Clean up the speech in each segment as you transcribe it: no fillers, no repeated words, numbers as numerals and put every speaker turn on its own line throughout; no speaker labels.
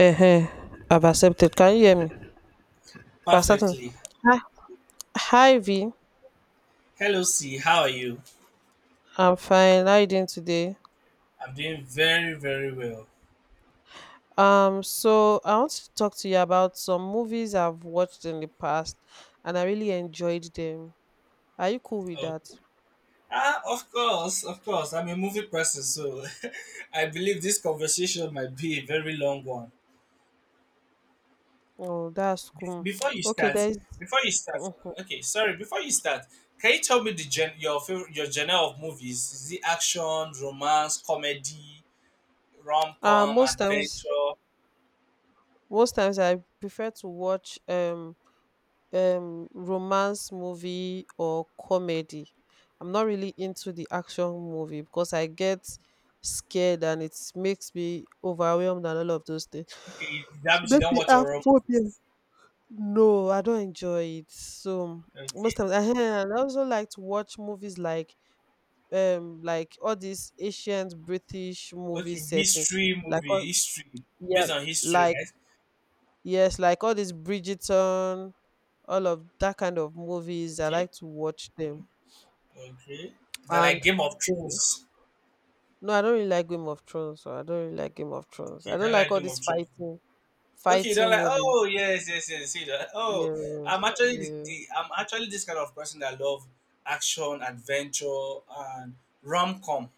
Uh huh. I've accepted. Can you hear me? I've accepted.
Perfectly.
Hi V,
Hello, C. How are you?
I'm fine. How you doing today?
I'm doing very, very well.
So I want to talk to you about some movies I've watched in the past and I really enjoyed them. Are you cool with
Oh,
that?
of course, of course. I'm a movie person, so I believe this conversation might be a very long one.
Oh, that's cool.
Before you
Okay,
start,
there's.
before you start,
Mhm.
okay, sorry. Before you start, can you tell me your favorite, your genre of movies? Is it action, romance, comedy, rom com,
Most times,
adventure?
most times I prefer to watch romance movie or comedy. I'm not really into the action movie because I get scared and it makes me overwhelmed and all of those things.
Okay, that
So it
means you
makes
don't
me
watch
have
horror
phobia.
movies.
No, I don't enjoy it. So most
Okay,
times I also like to watch movies like all these ancient British movie
okay,
setting.
mystery
Like
movie,
all-
history,
yeah,
based on history,
like.
right?
Yes, like all this Bridgerton, all of that kind of movies. I
Okay.
like to watch them.
Mhm. Okay. They're like
And
Game of Thrones.
no, I don't really like Game of Thrones. So I don't really like Game of Thrones.
Okay,
I don't
they're
like
like
all
Game
these
of Thrones. Okay,
fighting
they're like,
movies.
oh yes, yes, yes. See that? Oh,
Yes,
I'm actually
yeah.
the I'm actually this kind of person that love action, adventure, and rom com.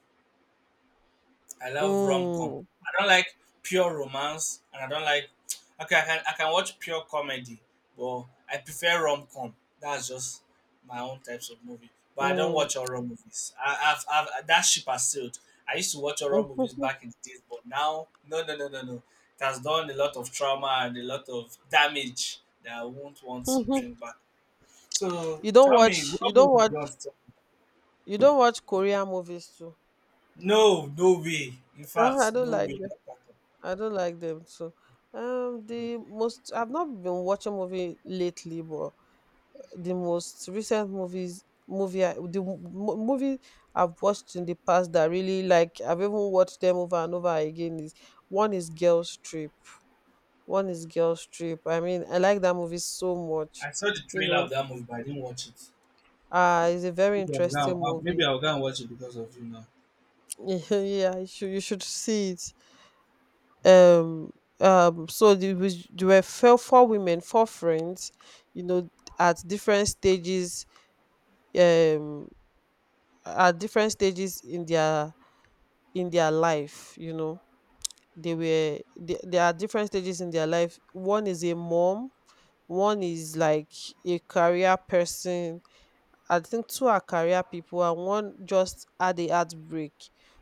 I love rom com.
Mm,
I don't like pure romance, and I don't like. Okay, I can watch pure comedy, but I prefer rom com. That's just my own types of movie. But I don't
mm.
watch horror movies. I've, that ship has sailed. I used to watch horror movies back in the days, but now no no no no no. It has done a lot of trauma and a lot of damage that I won't want to bring back. So
You don't
tell
watch.
me,
You
what movie
don't
do
watch.
you want to talk?
You don't watch Korean movies too.
No, no way. In
Ah, I
fact,
don't
no
like
way.
them.
Not at
I don't like them too.
all.
The
Okay.
most, I've not been watching movie lately, but the most recent movies movie I've watched in the past that really like I've even watched them over and over again is one is Girls Trip. One is Girls Trip. I mean, I like that movie so much.
I saw the
You
trailer
know,
of that movie, but I didn't watch it.
it's a very
Maybe I'll go
interesting
maybe
movie.
I'll go and watch it because of you now.
Yeah, you should, you should see it. There were four women, four friends, you know, at different stages um at different stages in their, in their life, you know. There are different stages in their life. One is a mom, one is like a career person. I think two are career people and one just had a heartbreak.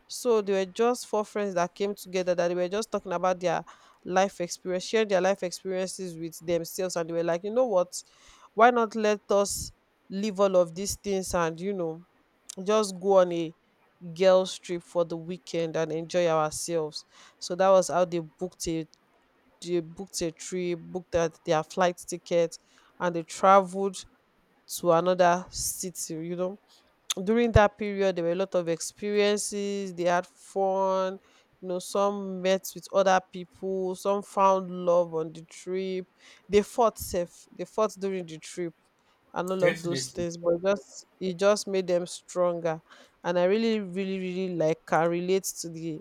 So they were just four friends that came together that they were just talking about their life experience, sharing their life experiences with themselves and they were like, you know what? Why not let us leave all of these things and, you know, just go on a girls trip for the weekend and enjoy ourselves. So that was how they booked it. They booked a trip, booked that their flight ticket and they traveled to another city, you know. During that period there were a lot of experiences, they had fun, you know, some met with other people, some found love on the trip. They fought during the trip and all of those
Definitely.
things, but just, it just made them stronger. And I really, really, really like, can relate to the,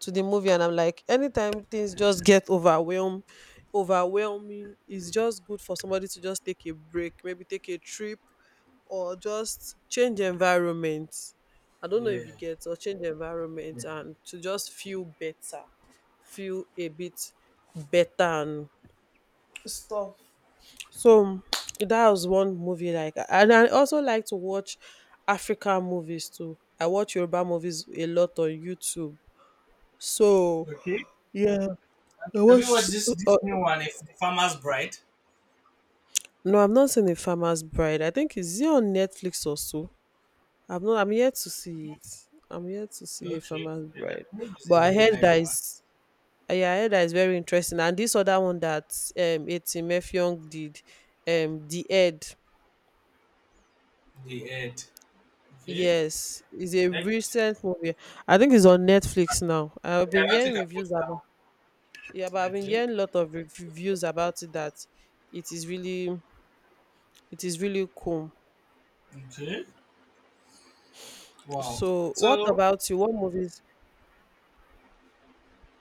to the movie. And I'm like, anytime things just get overwhelmed overwhelming, it's just good for somebody to just take a break, maybe take a trip or just change environment. I don't know
Yeah.
if you get, or change environment,
Yeah.
and to just feel better, feel a bit better and stuff. So that was one movie like. And I also like to watch African movies too. I watch Yoruba movies a lot on YouTube. So
Okay.
yeah, I
Have you watched
watched.
this
Uh,
new one, if The Farmer's Bride?
no, I've not seen The Farmer's Bride. I think, is it on Netflix or so? I've not. I'm yet to see it. I'm yet to see a
Okay,
farmer's
okay. That
bride,
movie is a
but I
very
heard
nice
that
one.
is. Yeah, I heard that is very interesting. And this other one that Etimefion did, the Ed.
The Ed. Okay.
Yes, is a
Like,
recent movie. I think it's on Netflix now. I've
okay,
been
I don't
hearing
think I've
reviews
watched that
about. Yeah, but
one.
I've been
Okay.
hearing a lot of reviews about it that it is really, it is really cool.
Okay. Wow.
So, what
So,
about you? What movies.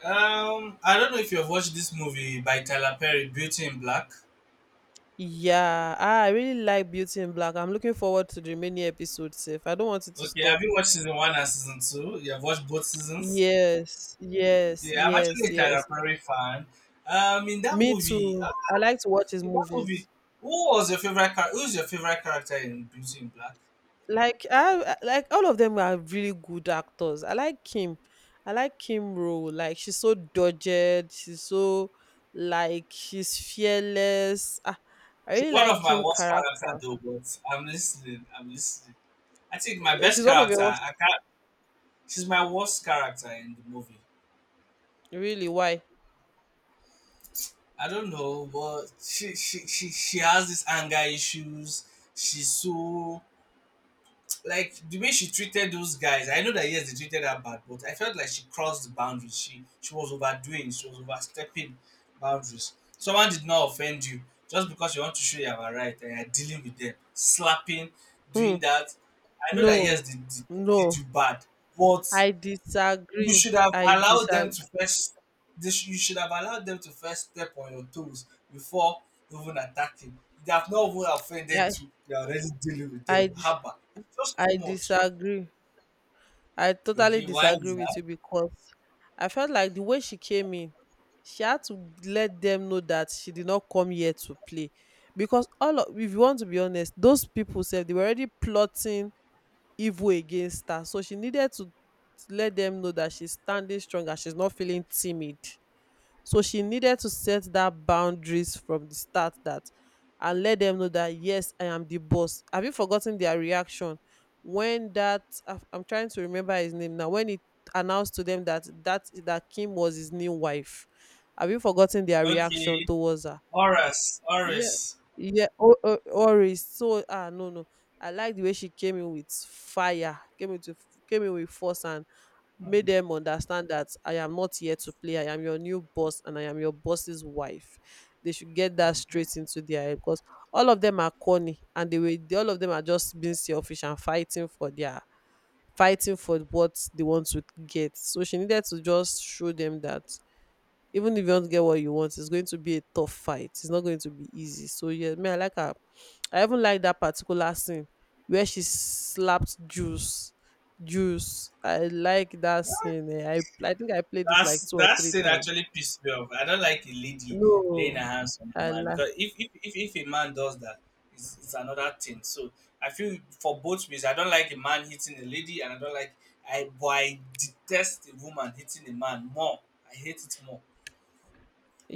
I don't know if you've watched this movie by Tyler Perry, Beauty in Black.
Yeah, ah, I really like Beauty in Black. I'm looking forward to the many episodes. Safe. I don't want it to
Okay. Have
stop.
you watched season one and season two? You have watched both seasons?
Yes, yes,
Yeah, I'm
yes,
actually a Tyler
yes.
Perry fan. Um, in that
Me
movie, uh,
too. I like to watch his
in that movie,
movies.
who was your favorite character? Who's your favorite character in Beauty in Black?
Like like all of them are really good actors. I like Kim. I like Kim role. Like she's so dodged. She's so, like, she's fearless. Ah, I
She's
really
one
like
of my
Kim
worst
character.
character though, but I'm listening. I'm listening. I think my best
She's one of
character,
your,
I can't. She's my worst character in the movie.
really why?
I don't know, but she has these anger issues. She's so like the way she treated those guys. I know that yes, they treated her bad, but I felt like she crossed the boundaries. She was overdoing, she was overstepping boundaries. Someone did not offend you, just because you want to show you are right and you're dealing with them, slapping,
Hmm.
doing that. I know that
No.
yes, did they did
No.
you bad, but
I
you
disagree.
should have
I
allowed them
disagree.
to first they sh- you should have allowed them to first step on your toes before even attacking. They have not even offended
I
you, you're already dealing with
I,
them. Haba, it's just
I
too much.
disagree. I totally
Okay, why
disagree
is that?
with you because I felt like the way she came in, she had to let them know that she did not come here to play. Because all of, if you want to be honest, those people said they were already plotting evil against her. So she needed to let them know that she's standing strong and she's not feeling timid. So she needed to set that boundaries from the start that, and let them know that yes, I am the boss. Have you forgotten their reaction when that I'm trying to remember his name now, when it announced to them that Kim was his new wife? Have you forgotten their reaction
Okay,
towards her?
Horus,
Yeah,
Horus.
yeah, or so, ah, no no. I like the way she came in with fire, came in with force and made
Hmm.
them understand that I am not here to play. I am your new boss and I am your boss's wife. They should get that
Okay.
straight into their head because all of them are corny and all of them are just being selfish and fighting for their, fighting for what they want to get. So she needed to just show them that even if you want to get what you want, it's going to be a tough fight. It's not going to be easy. So yeah, me I like her. I even like that particular scene where she slapped Juice. Juice. I like that scene. Eh. I think I played it like
That's
two or
that
three
thing
times.
actually pissed me off. I don't like a lady laying her
No,
hands on a
I
man,
like.
because if a man does that, it's another thing. So I feel for both ways. I don't like a man hitting a lady, and I don't like I but I detest a woman hitting a man more. I hate it more.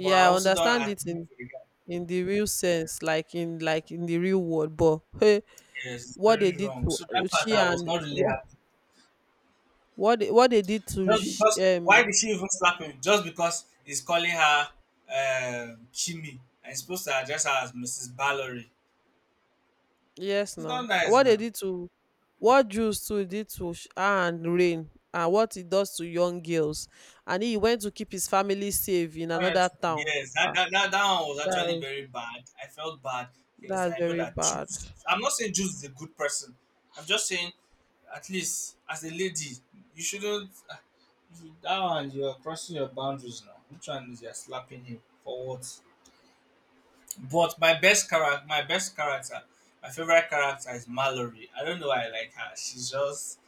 But I
I
also don't
understand it
agree
in
with the guy.
in the real
Yeah,
sense, like in, like in the real world. But hey,
yes, it's
what they
very
did
wrong.
to
So that part
she
I was
and
not really
what,
happy.
what they did to
Just
sh
because why did she even slap him? Just because he's calling her Chimmy and he's supposed to address her as Mrs. Ballory.
Yes,
It's not
now
nice
what they
now.
did to, what Jews too did to and Rain and what it does to young girls, and he went to keep his family safe in another
Honestly.
town.
Yes,
Ah,
that one was actually
that
very bad. I felt bad. Yes,
that's
I know
very
that
bad.
Jews, I'm not saying Jews is a good person. I'm just saying at least as a lady, you shouldn't ah, you- that one you're crossing your boundaries now. Which one is you're slapping him for what? But my best character, my best character, My favorite character is Mallory. I don't know why I like her. She's just,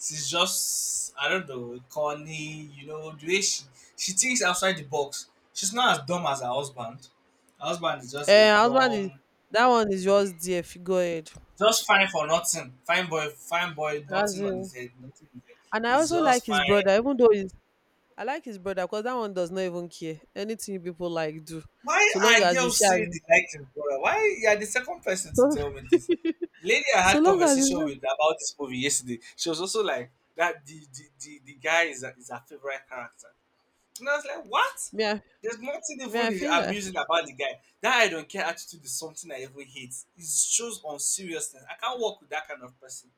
she's just, I don't know, corny. You know, the way she thinks outside the box. She's not as dumb as her husband. Her husband is just a
Eh, husband is,
dumb,
that one is just there. Go ahead.
just fine for nothing. Fine boy,
That's
nothing on his
him.
head, nothing on his head.
And I
He's
also like
just
his
fine.
brother, even though he's. I like his brother because that one does not even care anything you people like do,
Why
so long
are
as he's
girls saying they
young.
like his brother? Why you are the second person to
So
tell me this? Lady I
so
had
long as
conversation
he's,
with about this movie yesterday. She was also like that the guy is a, is her favorite character. And I was like, what?
me I,
There's nothing
me I
even
feel like.
amusing about the guy. That I don't care attitude is something I even hate. It shows unseriousness. I can't work with that kind of person.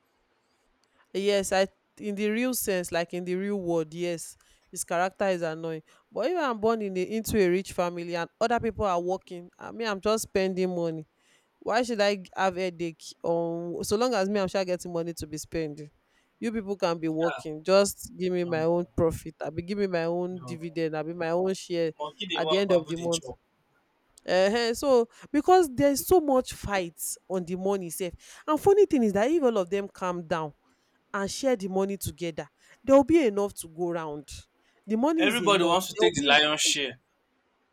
Yes, I, in the real sense, like in the real world, yes, his character is annoying. But if I'm into a rich family and other people are working, I mean I'm just spending money, why should I have headache? So long as me, I'm sure getting money to be spending, you people can be
Yeah,
working, just give me
no,
my
no,
own profit, I will be giving my own
no.
dividend, I will be my own share
Monkey they
at the
work,
end of
babu
the
they
month.
chop.
So, because there's so much fights on the money safe. And funny thing is that if all of them calm down and share the money together, there will be enough to go round. The money is a
Everybody
lot.
wants to
There will
take the
be,
lion share.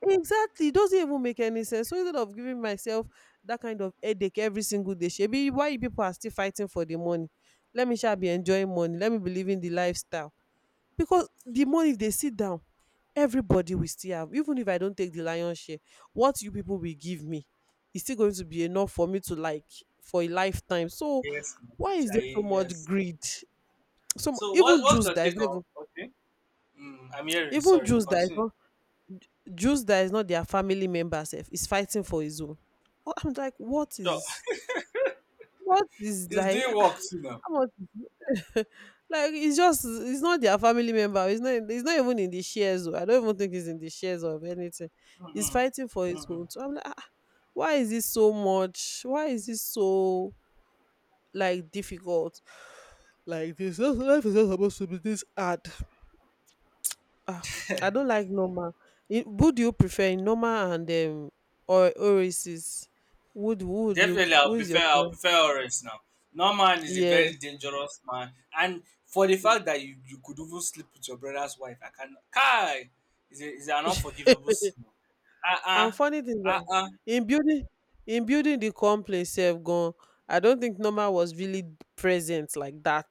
exactly. It doesn't even make any sense. So instead of giving myself that kind of headache every single day, shebi why you people are still fighting for the money? Let me shall be enjoying money. Let me be living the lifestyle because the money if they sit down, everybody will still have. Even if I don't take the lion share, what you people will give me is still going to be enough for me to like for a lifetime. So
Yes. Monkey,
why is
ah,
there so much
yes.
greed? Some
So what
even
what's
Jews
your
that is
take
not
on?
even,
Okay, mm, I'm hearing.
even
Sorry,
Jews that is
continue.
not, Jews that is not their family member sef is fighting for his own. I'm like, what
So,
is, what is
it's
like,
doing work too now.
how much? Like it's just, it's not their family member. It's not, it's not even in the shares. Oh. I don't even think it's in the shares of anything. He's
Mm-mm,
fighting for his
mm-mm.
own. So I'm like, ah, ah, why is this so much? Why is this so, like, difficult? Like this life is not supposed to be this hard. Ah, I don't like normal. It, who do you prefer, normal and or Oasis? Would, who would you,
Definitely,
who is your
I'll
favorite?
prefer orange now. Norman is a very
Yes.
dangerous man, and for the fact that you could even sleep with your brother's wife, I can. Kai, is a, is an unforgivable sin. Ah
And
ah,
funny thing
ah
that
ah.
in building in building the complex self gone, I don't think normal was really present like that.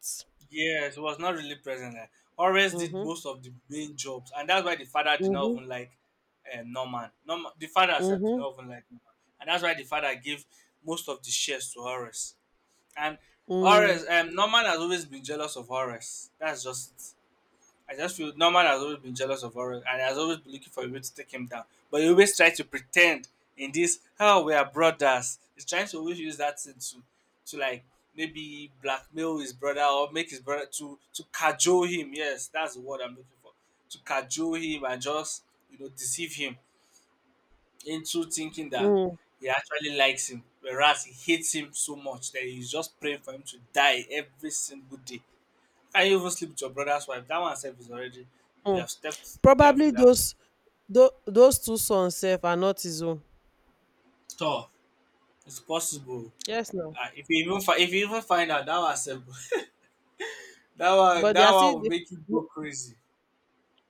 Yes, was not really present. Eh. Horace did
Mhm.
most of the main jobs, and that's why the father did not
Mhm.
even like Norman. The father himself did
Mhm.
not even like Norman, and that's why the father gave most of the shares to Horace. And
Mm.
Horace, Norman has always been jealous of Horace. That's just it. I just feel Norman has always been jealous of Warren and has always been looking for a way to take him down. But he always tries to pretend in this, how oh, we are brothers. He's trying to always use that thing to like maybe blackmail his brother or make his brother to cajole him. Yes, that's the word I'm looking for. To cajole him and just you know deceive him into thinking that
Mm.
he actually likes him, whereas he hates him so much that he's just praying for him to die every single day. Can you even sleep with your brother's wife? That one self is already, you
Mm.
have stepped,
Probably
you have
those those two sons self are not his own.
tall. It's possible.
Yes, no.
Ah, if you even find out that one self,
But they
that
are
one
still.
will make you go crazy.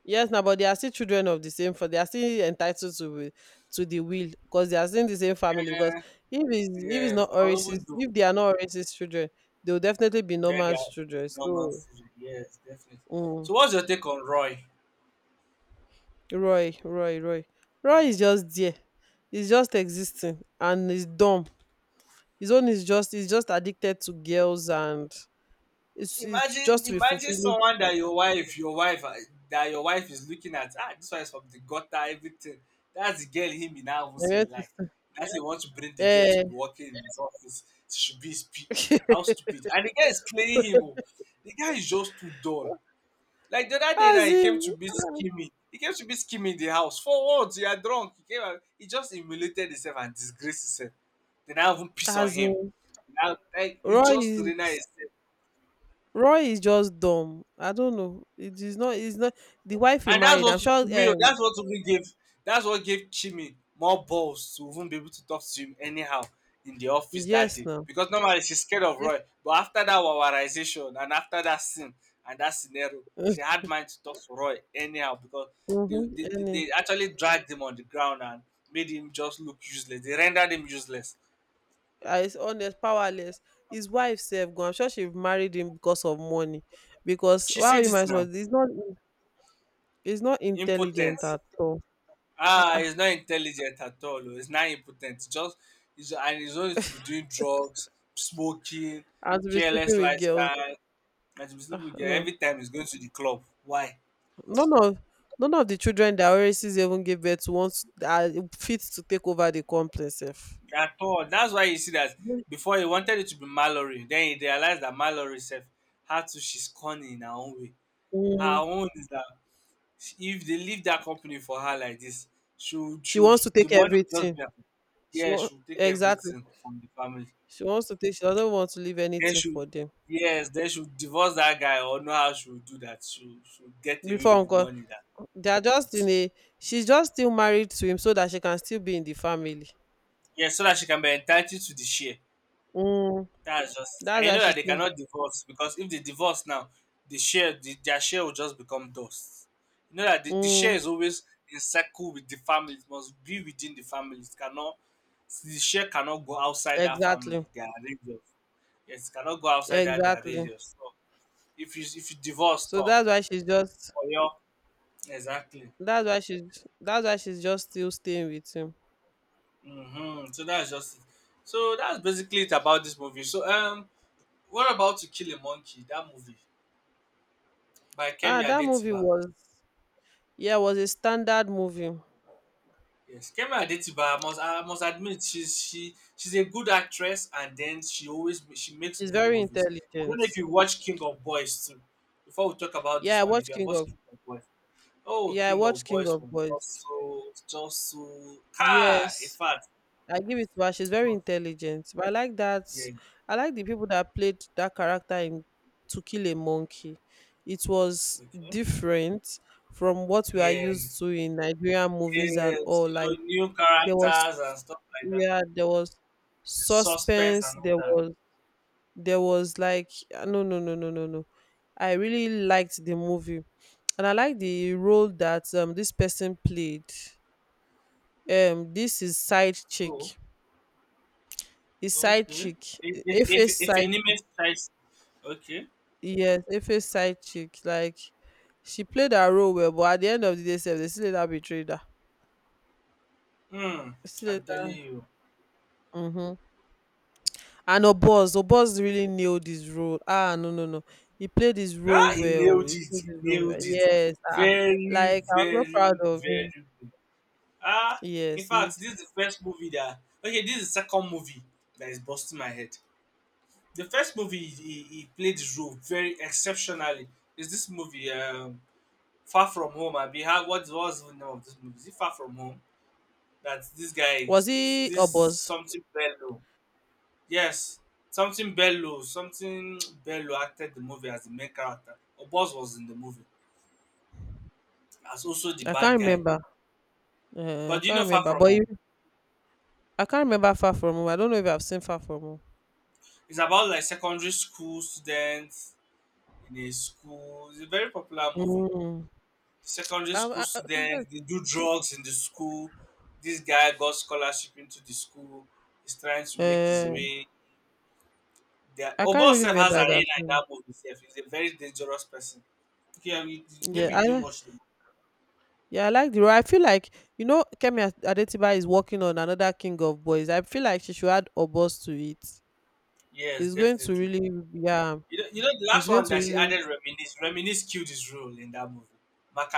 Yes, now, but they are still children of the same. For they are still entitled to to the will, because they are still in the same family. Because
Yeah,
if it's
yes.
not
But even
Oris's,
though
if they are not Oris's children, they will definitely be
then they
Norma's
are
children.
normal
So,
food. Yes, definitely.
mm,
So what's your take on Roy?
Roy, Roy is just there. He's just existing, and he's dumb. His own is just he's just addicted to girls, and it's just to be
Imagine
fulfilling.
someone that your wife, that your wife is looking at. Ah, this one is from the gutter, everything. That's the girl him he now even say
Yeah.
like. That's he want to bring the girl to be working in his office. She should be his PA. How stupid! And the guy is playing him. Oh. The guy is just too dull. Like the other day now,
As
he came to
in,
be scheming. He came to be scheming in the house. For what? You are drunk. He came. And he just humiliated himself and disgraced himself. They now even piss on
as
him.
in,
Now, like, he
Roy
just
is
denied.
Roy is just dumb. I don't know. It is not. It's not the wife he
And that's
married,
what
I'm sure.
to me, that's what gave Chimmy more balls to even be able to talk to him anyhow in the office that
Yes,
day.
now.
Because normally she's scared of
Yeah.
Roy. But after that wawarization, and after that scene and that scenario, she had mind to talk to Roy anyhow, because
Mm-hmm.
they actually dragged him on the ground and made him just look useless. They rendered him useless.
Ah, honest, powerless. His wife self go, I'm sure she married him because of money. Because
She
wow,
said
you
it
might as well.
now.
He's not
Impotent.
intelligent at all. Ah,
Ah,
ah.
he's not intelligent at all. Oh. He's not impotent. Just he's, and he's only to be doing drugs, smoking,
And to be sleeping
careless
with girls.
lifestyle, and to be sleeping with girl
No.
every time he's going to the club. Why?
None of. None of the children that Oasis even gave birth to wants are fit to take over the complex, sef.
At all. That's why you see that before he wanted it to be Mallory, then he realized that Mallory self how to, she's cunning in her own way. Her
Mm.
own is that if they leave that company for her like this,
She
she would,
wants to
the
take
money will just
everything.
be her.
She
Yeah,
wants,
she'll take
exactly.
everything from the family.
She wants to take. She doesn't want to leave
They
anything
should,
for them.
yes, they should divorce that guy, or know how she would do that. She would get away
Before
with the
uncle,
money that,
they are just in a. She's just still married to him so that she can still be in the family.
yes, so that she can be entitled to the share.
Mm,
That's just, and
that's
you
why
know that
she's
they
still.
cannot divorce, because if they divorce now, their share will just become dust. You know that the share
Mm,
is always in circle with the family. It must be within the family. It cannot, the share cannot go outside that family,
exactly.
their radius. Yes, it cannot go outside that their
Exactly.
radius. So if you divorce
So that's why she's just.
or your exactly.
That's why she's. That's why she's just still staying with him.
Mm-hmm. So that's just it. So that's basically it about this movie. What about To Kill a Monkey? That movie by
Ah,
Kemi
that movie
Adetiba.
was. Yeah, was a standard movie.
Yes, Kemi Adetiba. I must admit she's a good actress, and then she makes
She's
good
very
movies. I don't
intelligent.
know if you watch King of Boys too. Before we talk about this
Yeah, I
one, if
watched
you have
King
watched
of.
King of Boys, oh
Yeah, I
King
watched
of
King
Boys
of
was just
Boys.
so just so ah in
Yes.
fact
I give it to her, she's
it
very
was-
intelligent. But I like that.
yeah
I like the people that played that character in To Kill a Monkey. It was
okay,
different from what we are
yeah.
used to in Nigerian movies and
Yes,
all. Like,
you know, new
there was,
characters and stuff like that,
yeah, there was
the suspense
suspense.
and all
There
that.
was, there was like ah, no, no, no, no, no, no. I really liked the movie, and I like the role that this person played. This is side chick.
Oh,
His side
okay.
chick.
If
E-
if, if
efe's
if
side
anime strikes, okay.
yes efe's side chick, like, she played her role well, but at the end of the day sef they still later betrayed her.
Hmm,
They still
I'm telling
later
you.
Mm-hmm. And oboz really nailed his role. Ah, no, no, no, he played his
Ah,
role
he
well
nailed
he
it.
played
He
his role well.
nailed it.
Yes, ah,
Very,
like, I was so proud
very,
of him.
very good. Ah, in
Yes, he.
fact, this is the first movie that. Okay, this is the second movie that is busting my head. The first movie he played his role very exceptionally. Is this movie? Far From Home, abi how what was the name of this movie? Is it Far From Home? That this guy
Was he
this
oboz
something Bello. Yes. Something Bello acted the movie as the main character. Obos was in the movie as also the
i
bad
can't
guy.
remember
But
I
do you
can't
know Far
remember,
From
but he.
Home?
I can't remember Far From Home. I don't know if I've seen Far From Home.
It's about like secondary school students in a school. It's a very popular movie.
Mm.
Secondary school students,
Sometimes
they do drugs in the school. This guy got scholarship into the school. He's trying to make his
uh,
way. The
I can't
Obo
really
self has
remember
an A
if
in
I've seen.
that movie. Self, he's a very dangerous person. Okay, I mean,
Yeah,
maybe you didn't
I,
watch the movie.
yeah, I like the role. I feel like, you know, Adetiba is working on another King of Boys. I feel like she should add Obos to it.
Yes,
It's going to
definitely.
really yeah,
You know the last
it's going
one
to
that she
really,
added, reminisce. Reminisce killed his role in that movie,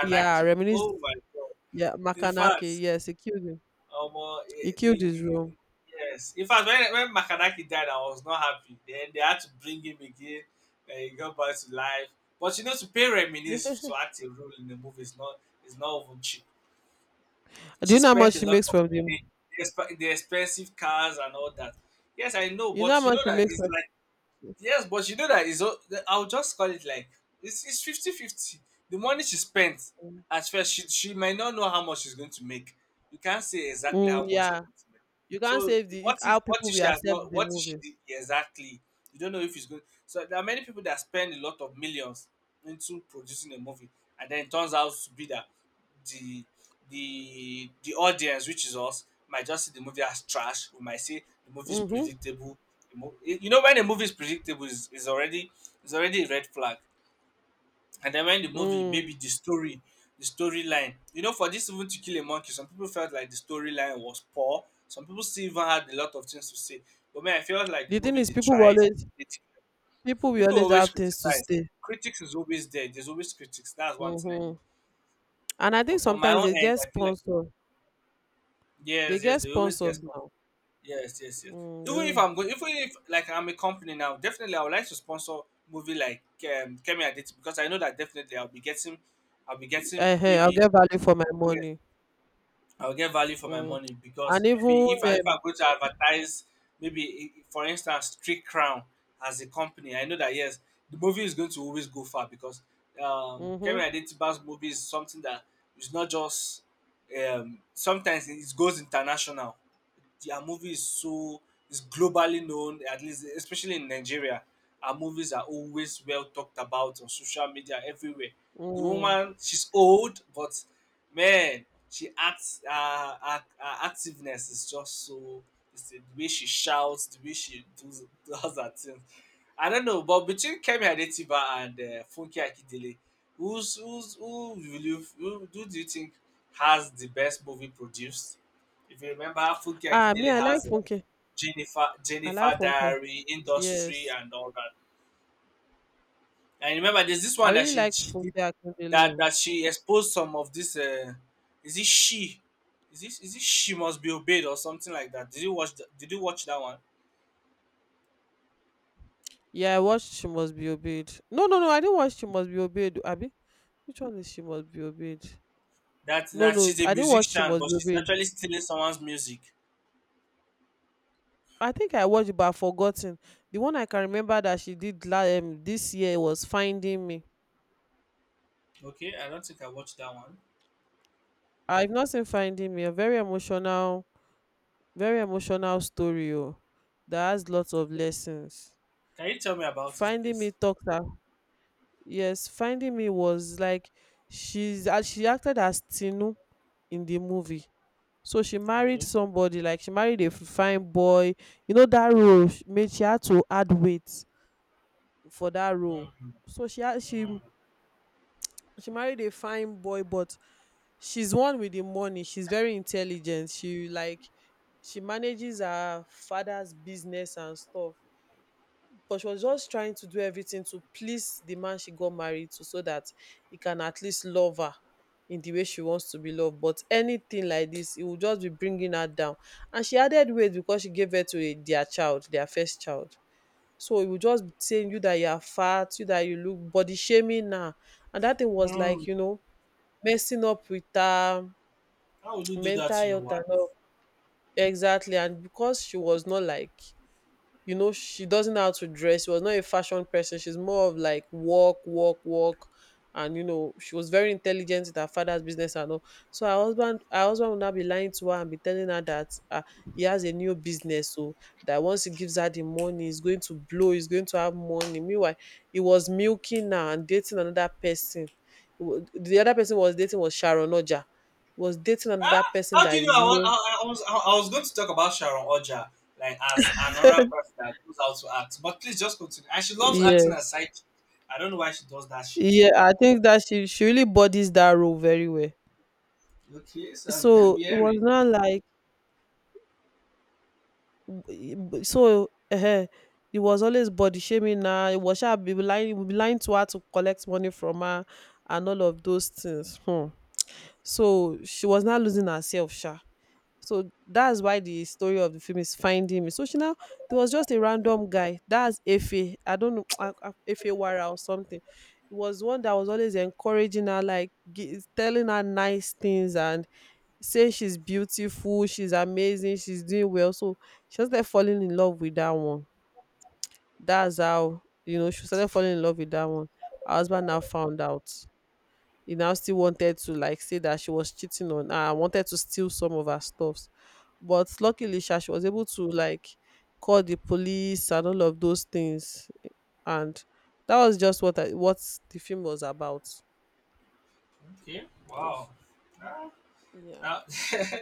yeah, reminisce.
Oh my god!
Yeah,
In
Makanaki.
fact,
Yes, he killed him. He
eh,
killed
the, the,
his role.
the yes. In fact, when Makanaki died, I was not happy. Then they had to bring him again. And he got back to life. But you know, to pay reminisce to act a role in the movie is not even cheap.
Do
She
you know how much
spent a
she
lot
makes
of
from them?
money, the expensive cars and all that. Yes, I know,
You know how
but you
much
know
she
that
makes
it's
from
like, yes, but you know that I'll just call it like, it's 50 50. The money she spent, at first, she might not know how much she's going to make. You can't say exactly
Mm,
how much you're
yeah.
going to make.
You can't
So
say if the if how
what
people
if
will
she has
accept
not
the
what if she
movie.
did exactly? You don't know if it's going so there are many people that spend a lot of millions into producing a movie and then it turns out to be that the the audience, which is us, might just see the movie as trash. We might say the movie is
Mm-hmm.
predictable. You know, when a movie is predictable, is already is already a red flag. And then when the movie,
Mm.
maybe the storyline, you know, for this even to kill a monkey, some people felt like the storyline was poor. Some people still even had a lot of things to say. But man, I felt like the
The thing
movie
is,
they tried. It,
people will
people
always
always
have things to
criticize.
say.
Critics is always there. There's always critics. That's one thing I know.
Mm-hmm. And I
But
think
for my
sometimes
own
they
end,
get
I feel like
sponsor. They
yes,
get
yes, they always get
sponsors
sponsor.
now.
Yes, yes, yes.
Mm,
Even
yeah.
if I'm going, even if like I'm a company now, definitely I would like to sponsor movie like Kemi Aditi because I know that definitely I'll be getting
Ehen, I'll
maybe
get value for my
yes,
money.
I'll get value for my
Mm.
money because
And even
maybe if I'm going to advertise maybe for instance Trick Crown as a company, I know that yes, the movie is going to always go far because
mm-hmm,
Kemi Adetiba's movie is something that is not just sometimes it goes international. Our movie is so is globally known, at least especially in Nigeria. Our movies are always well talked about on social media everywhere. The
mm.
woman, she's old, but man, she acts. Her activeness is just so. It's the way she shouts, the way she does her things. I don't know, but between Kemi Adetiba and Funke Akindele, who's who's who will you who do you think has the best movie produced? If you remember, Funke
Ah, me,
Akindele
I like
has
Funke. I like
Jennifer
Funke.
Diary, Industry,
Yes,
and all that. And remember, there's this
I
one that
really
she
like
she did
Funke Akindele,
that
o.
that she exposed some of this. Is it she? Is it she must be obeyed or something like that? Did you watch? Did you watch that one?
Yeah, I watched She Must Be Obeyed. No, no, no, I didn't watch She Must Be Obeyed. Abi, which one is She Must Be Obeyed?
That
No,
that
no,
she's a
I didn't watch She
musician,
Must
but
Be
she's
Obeyed.
actually stealing someone's music.
I think I watched it, but I've forgotten. The one I can remember that she did this year was Finding Me.
Okay, I don't think I watched that one.
I've not seen Finding Me. A very emotional story oh, that has lots of lessons.
Can you tell me about it,
Finding Me
please?
talks her. Yes, Finding Me was like, she's she acted as Tinu in the movie. So she married
Okay.
somebody, like she married a fine boy. You know that role sh- made she had to add weight for that role.
Mm,
So she had she
mm,
she married a fine boy but she's one with the money, she's very intelligent, she like, she manages her father's business and stuff. But she was just trying to do everything to please the man she got married to, so that he can at least love her in the way she wants to be loved. But anything like this, it will just be bringing her down. And she added weight because she gave birth to a, their child, their first child. So it will just be saying you that you are fat, you that you look, body shaming now, and that thing was like,
mm.
you know, messing up with her
How would you do that
mental
to your
health
wife?
and all. Exactly. And because she was not like, you know, she doesn't know how to dress, she was not a fashion person, she's more of like walk, walk, walk. And you know she was very intelligent with her father's business and all. So her husband would now be lying to her and be telling her that he has a new business, so that once he gives her the money, he's going to blow, he's going to have money. Meanwhile, he was milking her and dating another person. The other person was dating was Sharon Oja, was dating another
Ah,
person
how do
that
you know?
is
I was,
new.
I, I was I was going to talk about Sharon Oja like as another person that knows how to act, but please just continue. And she loves acting as side chick. I don't know why she does that shit.
Yeah, I think that she really bodies that role very well.
Okay, so I'm
So it was
hearing.
not like so it was always body shaming now. It was she be lying, we be lying to her to collect money from her and all of those things. Hmm. So she was not losing herself, sha. So that's why the story of the film is Finding Me. So she now, there was just a random guy, that's Efe. I don't know ah, ah, Efe Wara or something. It was one that was always encouraging her, like telling her nice things and saying she's beautiful, she's amazing, she's doing well. So she just started falling in love with that one. That's how, you know, she started falling in love with that one. Her husband now found out, he now still wanted to like say that she was cheating on her and wanted to steal some of her stuffs. But luckily, sha, she was able to like call the police and all of those things. And that was just what I, what the film was about.
Okay, wow.
If.
Ah,
Yeah.
that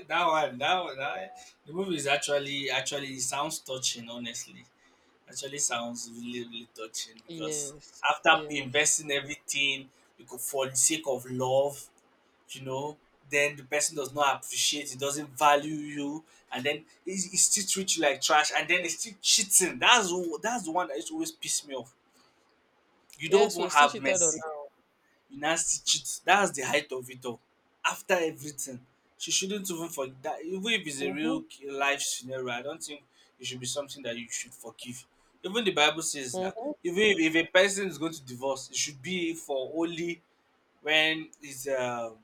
that one, that one, that, the movie is actually actually it sounds touching. Honestly, actually sounds really really touching because
Yes,
after
yes.
investing everything, you could for the sake of love you know, then the person does not appreciate, it doesn't value you, and then he still treats you like trash, and then he's still cheating. That's the one that used to always piss me off. You don't
Yes,
even
we still
have
cheated on
mercy.
now.
You now still cheat. That's the height of it all. After everything, she shouldn't even forgive that. Even if it's a
Mm-hmm.
real life scenario, I don't think it should be something that you should forgive. Even the Bible says that
Mm-hmm.
even if a person is going to divorce, it should be for only when is it's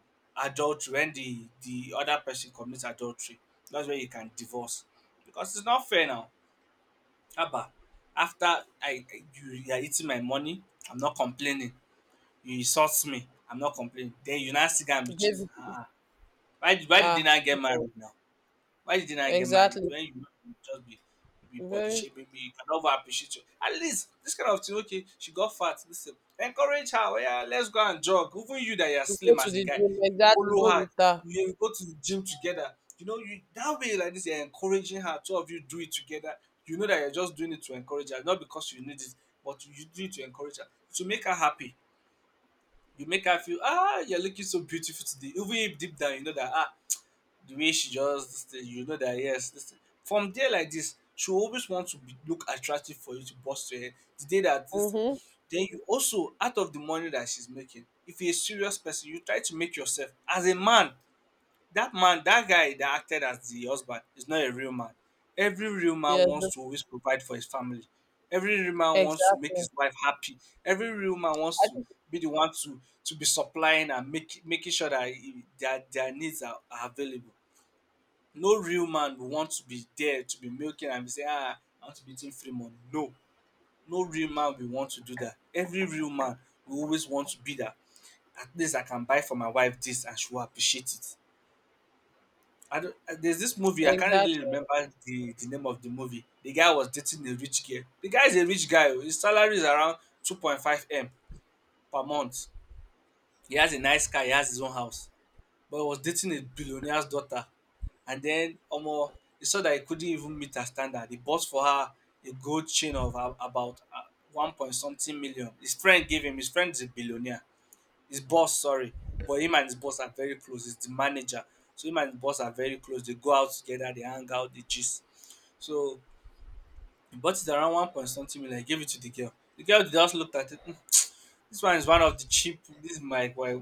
adultery, when the other person commits adultery, that's when you can divorce because it's not fair now. Haba, after I you, you are eating my money, I'm not complaining. You insult me, I'm not complaining, then you now still go and be cheating,
Gave,
ah ah. Why, why did they
ah
not get
no.
married now? Why didn't I get married?
Exactly.
When you just be body
Very,
shaping me, you can never appreciate you. At least this kind of thing, okay, she got fat. Listen, encourage her. Oh yeah, let's go and jog. Even you that you're
to go
slim
to
as a
the
guy,
gym,
you
exactly,
follow
go
her.
with her.
You go to the gym together. You know, you that way like this, you're encouraging her. Two of you do it together. You know that you're just doing it to encourage her, not because you need it, but you do it to encourage her, to make her happy. You make her feel, ah, you're looking so beautiful today. Even if deep down you know that, ah, the way she just you know that yes, this from there like this, she will always want to be, look attractive for you to bust your head. The day that this
Mm-hmm.
then you also out of the money that she's making, if you're a serious person, you try to make yourself as a man. That man, that guy that acted as the husband is not a real man. Every real man
Yes,
wants to always provide for his family. Every real man wants to make
exactly.
his wife happy. Every real man wants
I
to
think.
be the one to be supplying and make, making sure that their needs are available. No real man will want to be there to be milking and be saying, ah, I want to be eating free money. No, no real man will want to do that. Every real man will always want to be that. At least I can buy for my wife this and she will appreciate it. I don't, there's this movie, I can't really
Exactly.
remember the name of the movie. The guy was dating a rich girl. The guy is a rich guy. Oh. His salary is around 2.5M per month. He has a nice car, he has his own house, but he was dating a billionaire's daughter. And then Omo, he saw that he couldn't even meet her standard. He bought for her a gold chain of about one point something million. His friend gave him. His friend is a billionaire. His boss, sorry, but him and his boss are very close. He's the manager, so him and his boss are very close. They go out together. They hang out. They gist. So he bought it around one point something million. He gave it to the girl. The girl just looked at it. This one is one of the cheap. This is my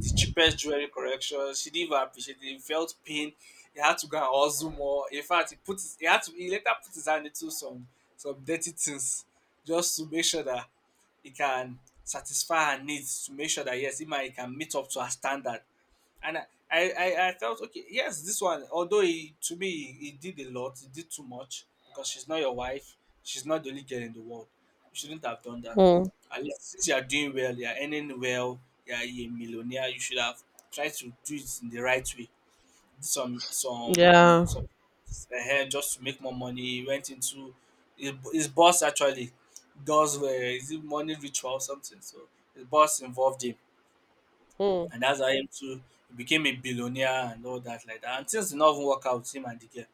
the cheapest jewelry correction. She didn't even appreciate it. He felt pain. He had to go and hustle more. In fact, he had to he later put his hand into some dirty things just to make sure that he can satisfy her needs. To make sure that yes, he can meet up to her standard and I felt okay. Yes, this one, although he to me he did a lot, he did too much because she's not your wife, she's not the only girl in the world. You shouldn't have done that.
Mm.
At least since you are doing well, you are earning well, you are a millionaire. You should have tried to do it in the right way. Some some
Yeah.
some Just to make more money. He went into his boss actually does is it money ritual or something. So his boss involved him,
Mm.
and that's how him too he became a billionaire and all that like that. And things did not even work out with him and the girl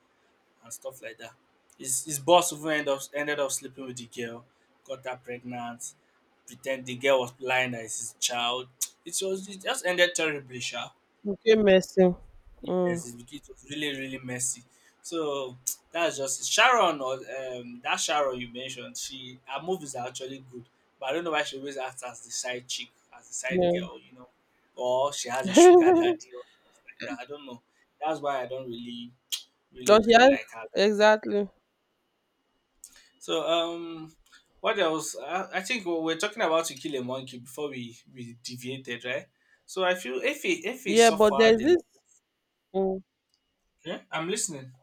and stuff like that. His boss even end up ended up sleeping with the girl, got her pregnant, pretend the girl was lying that it's his child. It just ended terribly, sha.
Okay, messy. Mm.
Yes, it was really, really messy. So that's just it. Sharon, or that Sharon you mentioned, she her movies are actually good. But I don't know why she always acts as the side chick, as the side
Yeah.
girl. Or she has a sugar daddy or things like that. I don't know. That's why I don't really,
But yeah,
really like her.
exactly.
So what else? I think we're talking about To Kill a Monkey before we deviated, right? So I feel if he
Yeah, but there's
suffered a
this.
lot,
Mm.
yeah, I'm listening.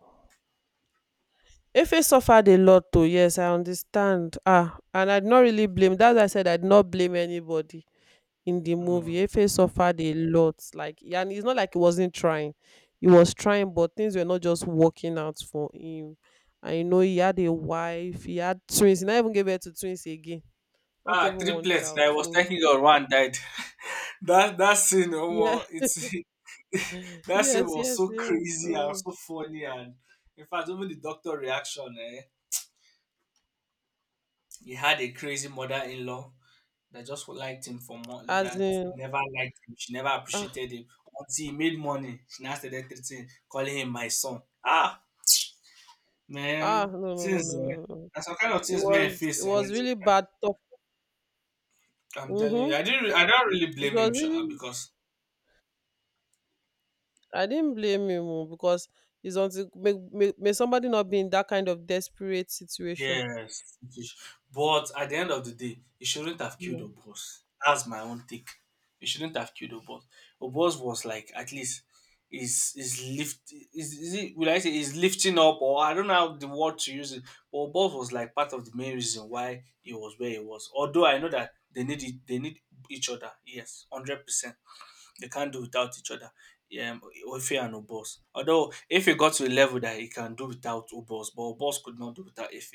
If it suffered a lot too, yes, I understand. Ah, and I'd not really blame. That's why I said I'd not blame anybody in the movie.
Hmm.
If it suffered a lot, like, yeah, and it's not like he wasn't trying. He was trying, but things were not just working out for him. I know he had a wife, he had twins. He never even gave birth to twins again. Not
Ah,
even one
triplets.
child.
I was
So
thinking of one died. That scene,
yeah,
oh, it's that scene
yes,
was
yes,
so
yes.
crazy and
So
so funny, and in fact, even the doctor reaction, eh? He had a crazy mother-in-law that just liked him for more.
as
That
in,
never liked him. She never
ah,
appreciated him until he made money. She now started treating, calling him my son. Ah,
ah,
man,
no, no, no,
things.
no,
Eh?
no, no.
That's some kind of
It
things men
was, it
face. Eh?
was really bad tough.
I'm telling you,
Mm-hmm.
I didn't. I don't really
It
blame him,
was
Sha,
really,
because
I didn't blame him oh, because it's until may somebody not be in that kind of desperate situation.
yes, it is. But at the end of the day, he shouldn't have killed
Yeah.
Obos. That's my own take. He shouldn't have killed Obos. Obos was like at least is it, will I say, is lifting up, or I don't know how the word to use it. But Obos was like part of the main reason why he was where he was. Although I know that they need each other. Yes, 100%. They can't do without each other. Um, Ife and Obos. Although Ife got to a level that he can do without Obos, but Obos could not do without Ife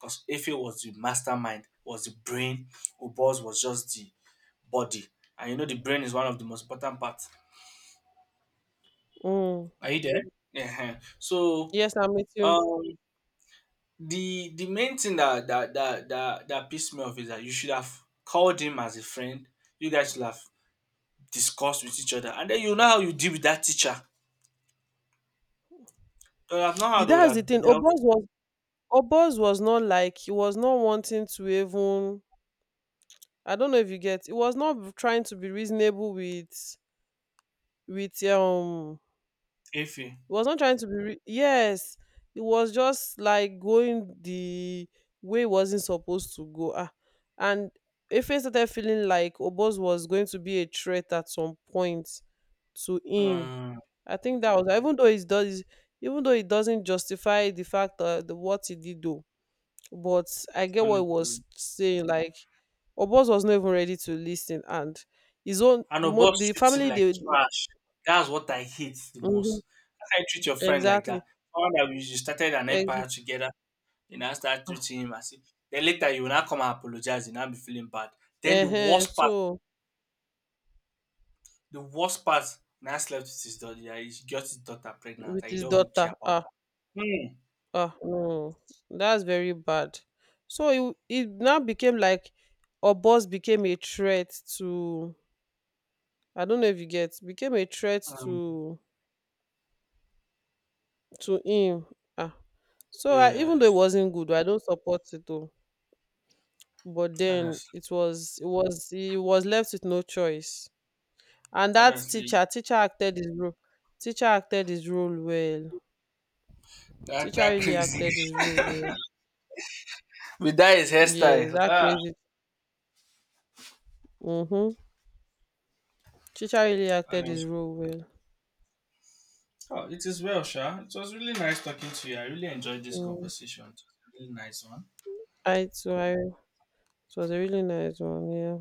because Ife was the mastermind, was the brain. Obos was just the body, and you know the brain is one of the most important parts.
Mm.
Are you there? Yeah. So
Yes, I'm with you.
um, the main thing that pissed me off is that you should have called him as a friend. You guys should have discussed with each other, and then you know how you deal with that teacher. They would have known how
Yeah,
they would
that's
have
the thing.
dealt
Obos was, Obos was not wanting to even, I don't know if you get. He was not trying to be reasonable with
Efe.
He was not trying to be re- Yes. It was just like going the way it wasn't supposed to go. Ah. And if he started feeling like Obos was going to be a threat at some point to him,
Mm,
I think that was, even though it does, even though it doesn't justify the fact that the what he did do. But I get what he was
honestly.
saying, like, Obos was not even ready to listen. And his own
And a boss
the
treats him
family
like
they.
trash. That's what I hate the
Mhm.
most. How can you treat your friend like that?
Exactly.
Found that we started an empire
Exactly.
together, you now start treating him as if. Then later you will not come and apologize, you now be feeling bad. Then
Uh huh. So
the worst part, now slept with his daughter, yeah, he got his daughter pregnant,
with
and you
his
don't even care
daughter,
about
ah,
her. Hmm.
ah, no, that's very bad. So it now became like, our boss became a threat to, I don't know if you get, became a threat
Mm.
to him. Ah, so I, even though it
Yes,
wasn't good, I don't support it though. But then
honestly,
it was, he was left with no choice. And that
honestly,
teacher, teacher acted his role. Teacher acted his role well.
that
Teacher
that
really
crazy.
acted his role well.
with that is
Yeah,
hairstyle.
that
Ah,
crazy. Mm-hmm. Chicha really acted his
honestly.
role well.
Oh, it is well, Sha. It was really nice talking to you. I really enjoyed this
Mm.
conversation. It was a really nice one.
I too, I, it was a really nice one. Yeah.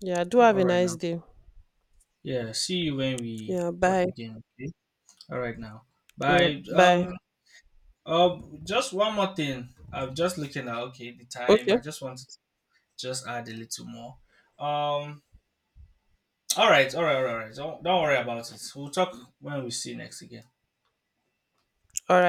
Yeah. Do
So,
have
all
a
right now.
nice day.
Yeah, see you when we
Yeah.
talk
Bye.
again. Okay. All right now.
Yeah.
Bye.
Bye.
Just one more thing. I'm just looking at okay the time.
Okay.
I just want to just add a little more. Um. All right. All right. All right. All right. Don't worry about it. We'll talk when we see next again.
All right.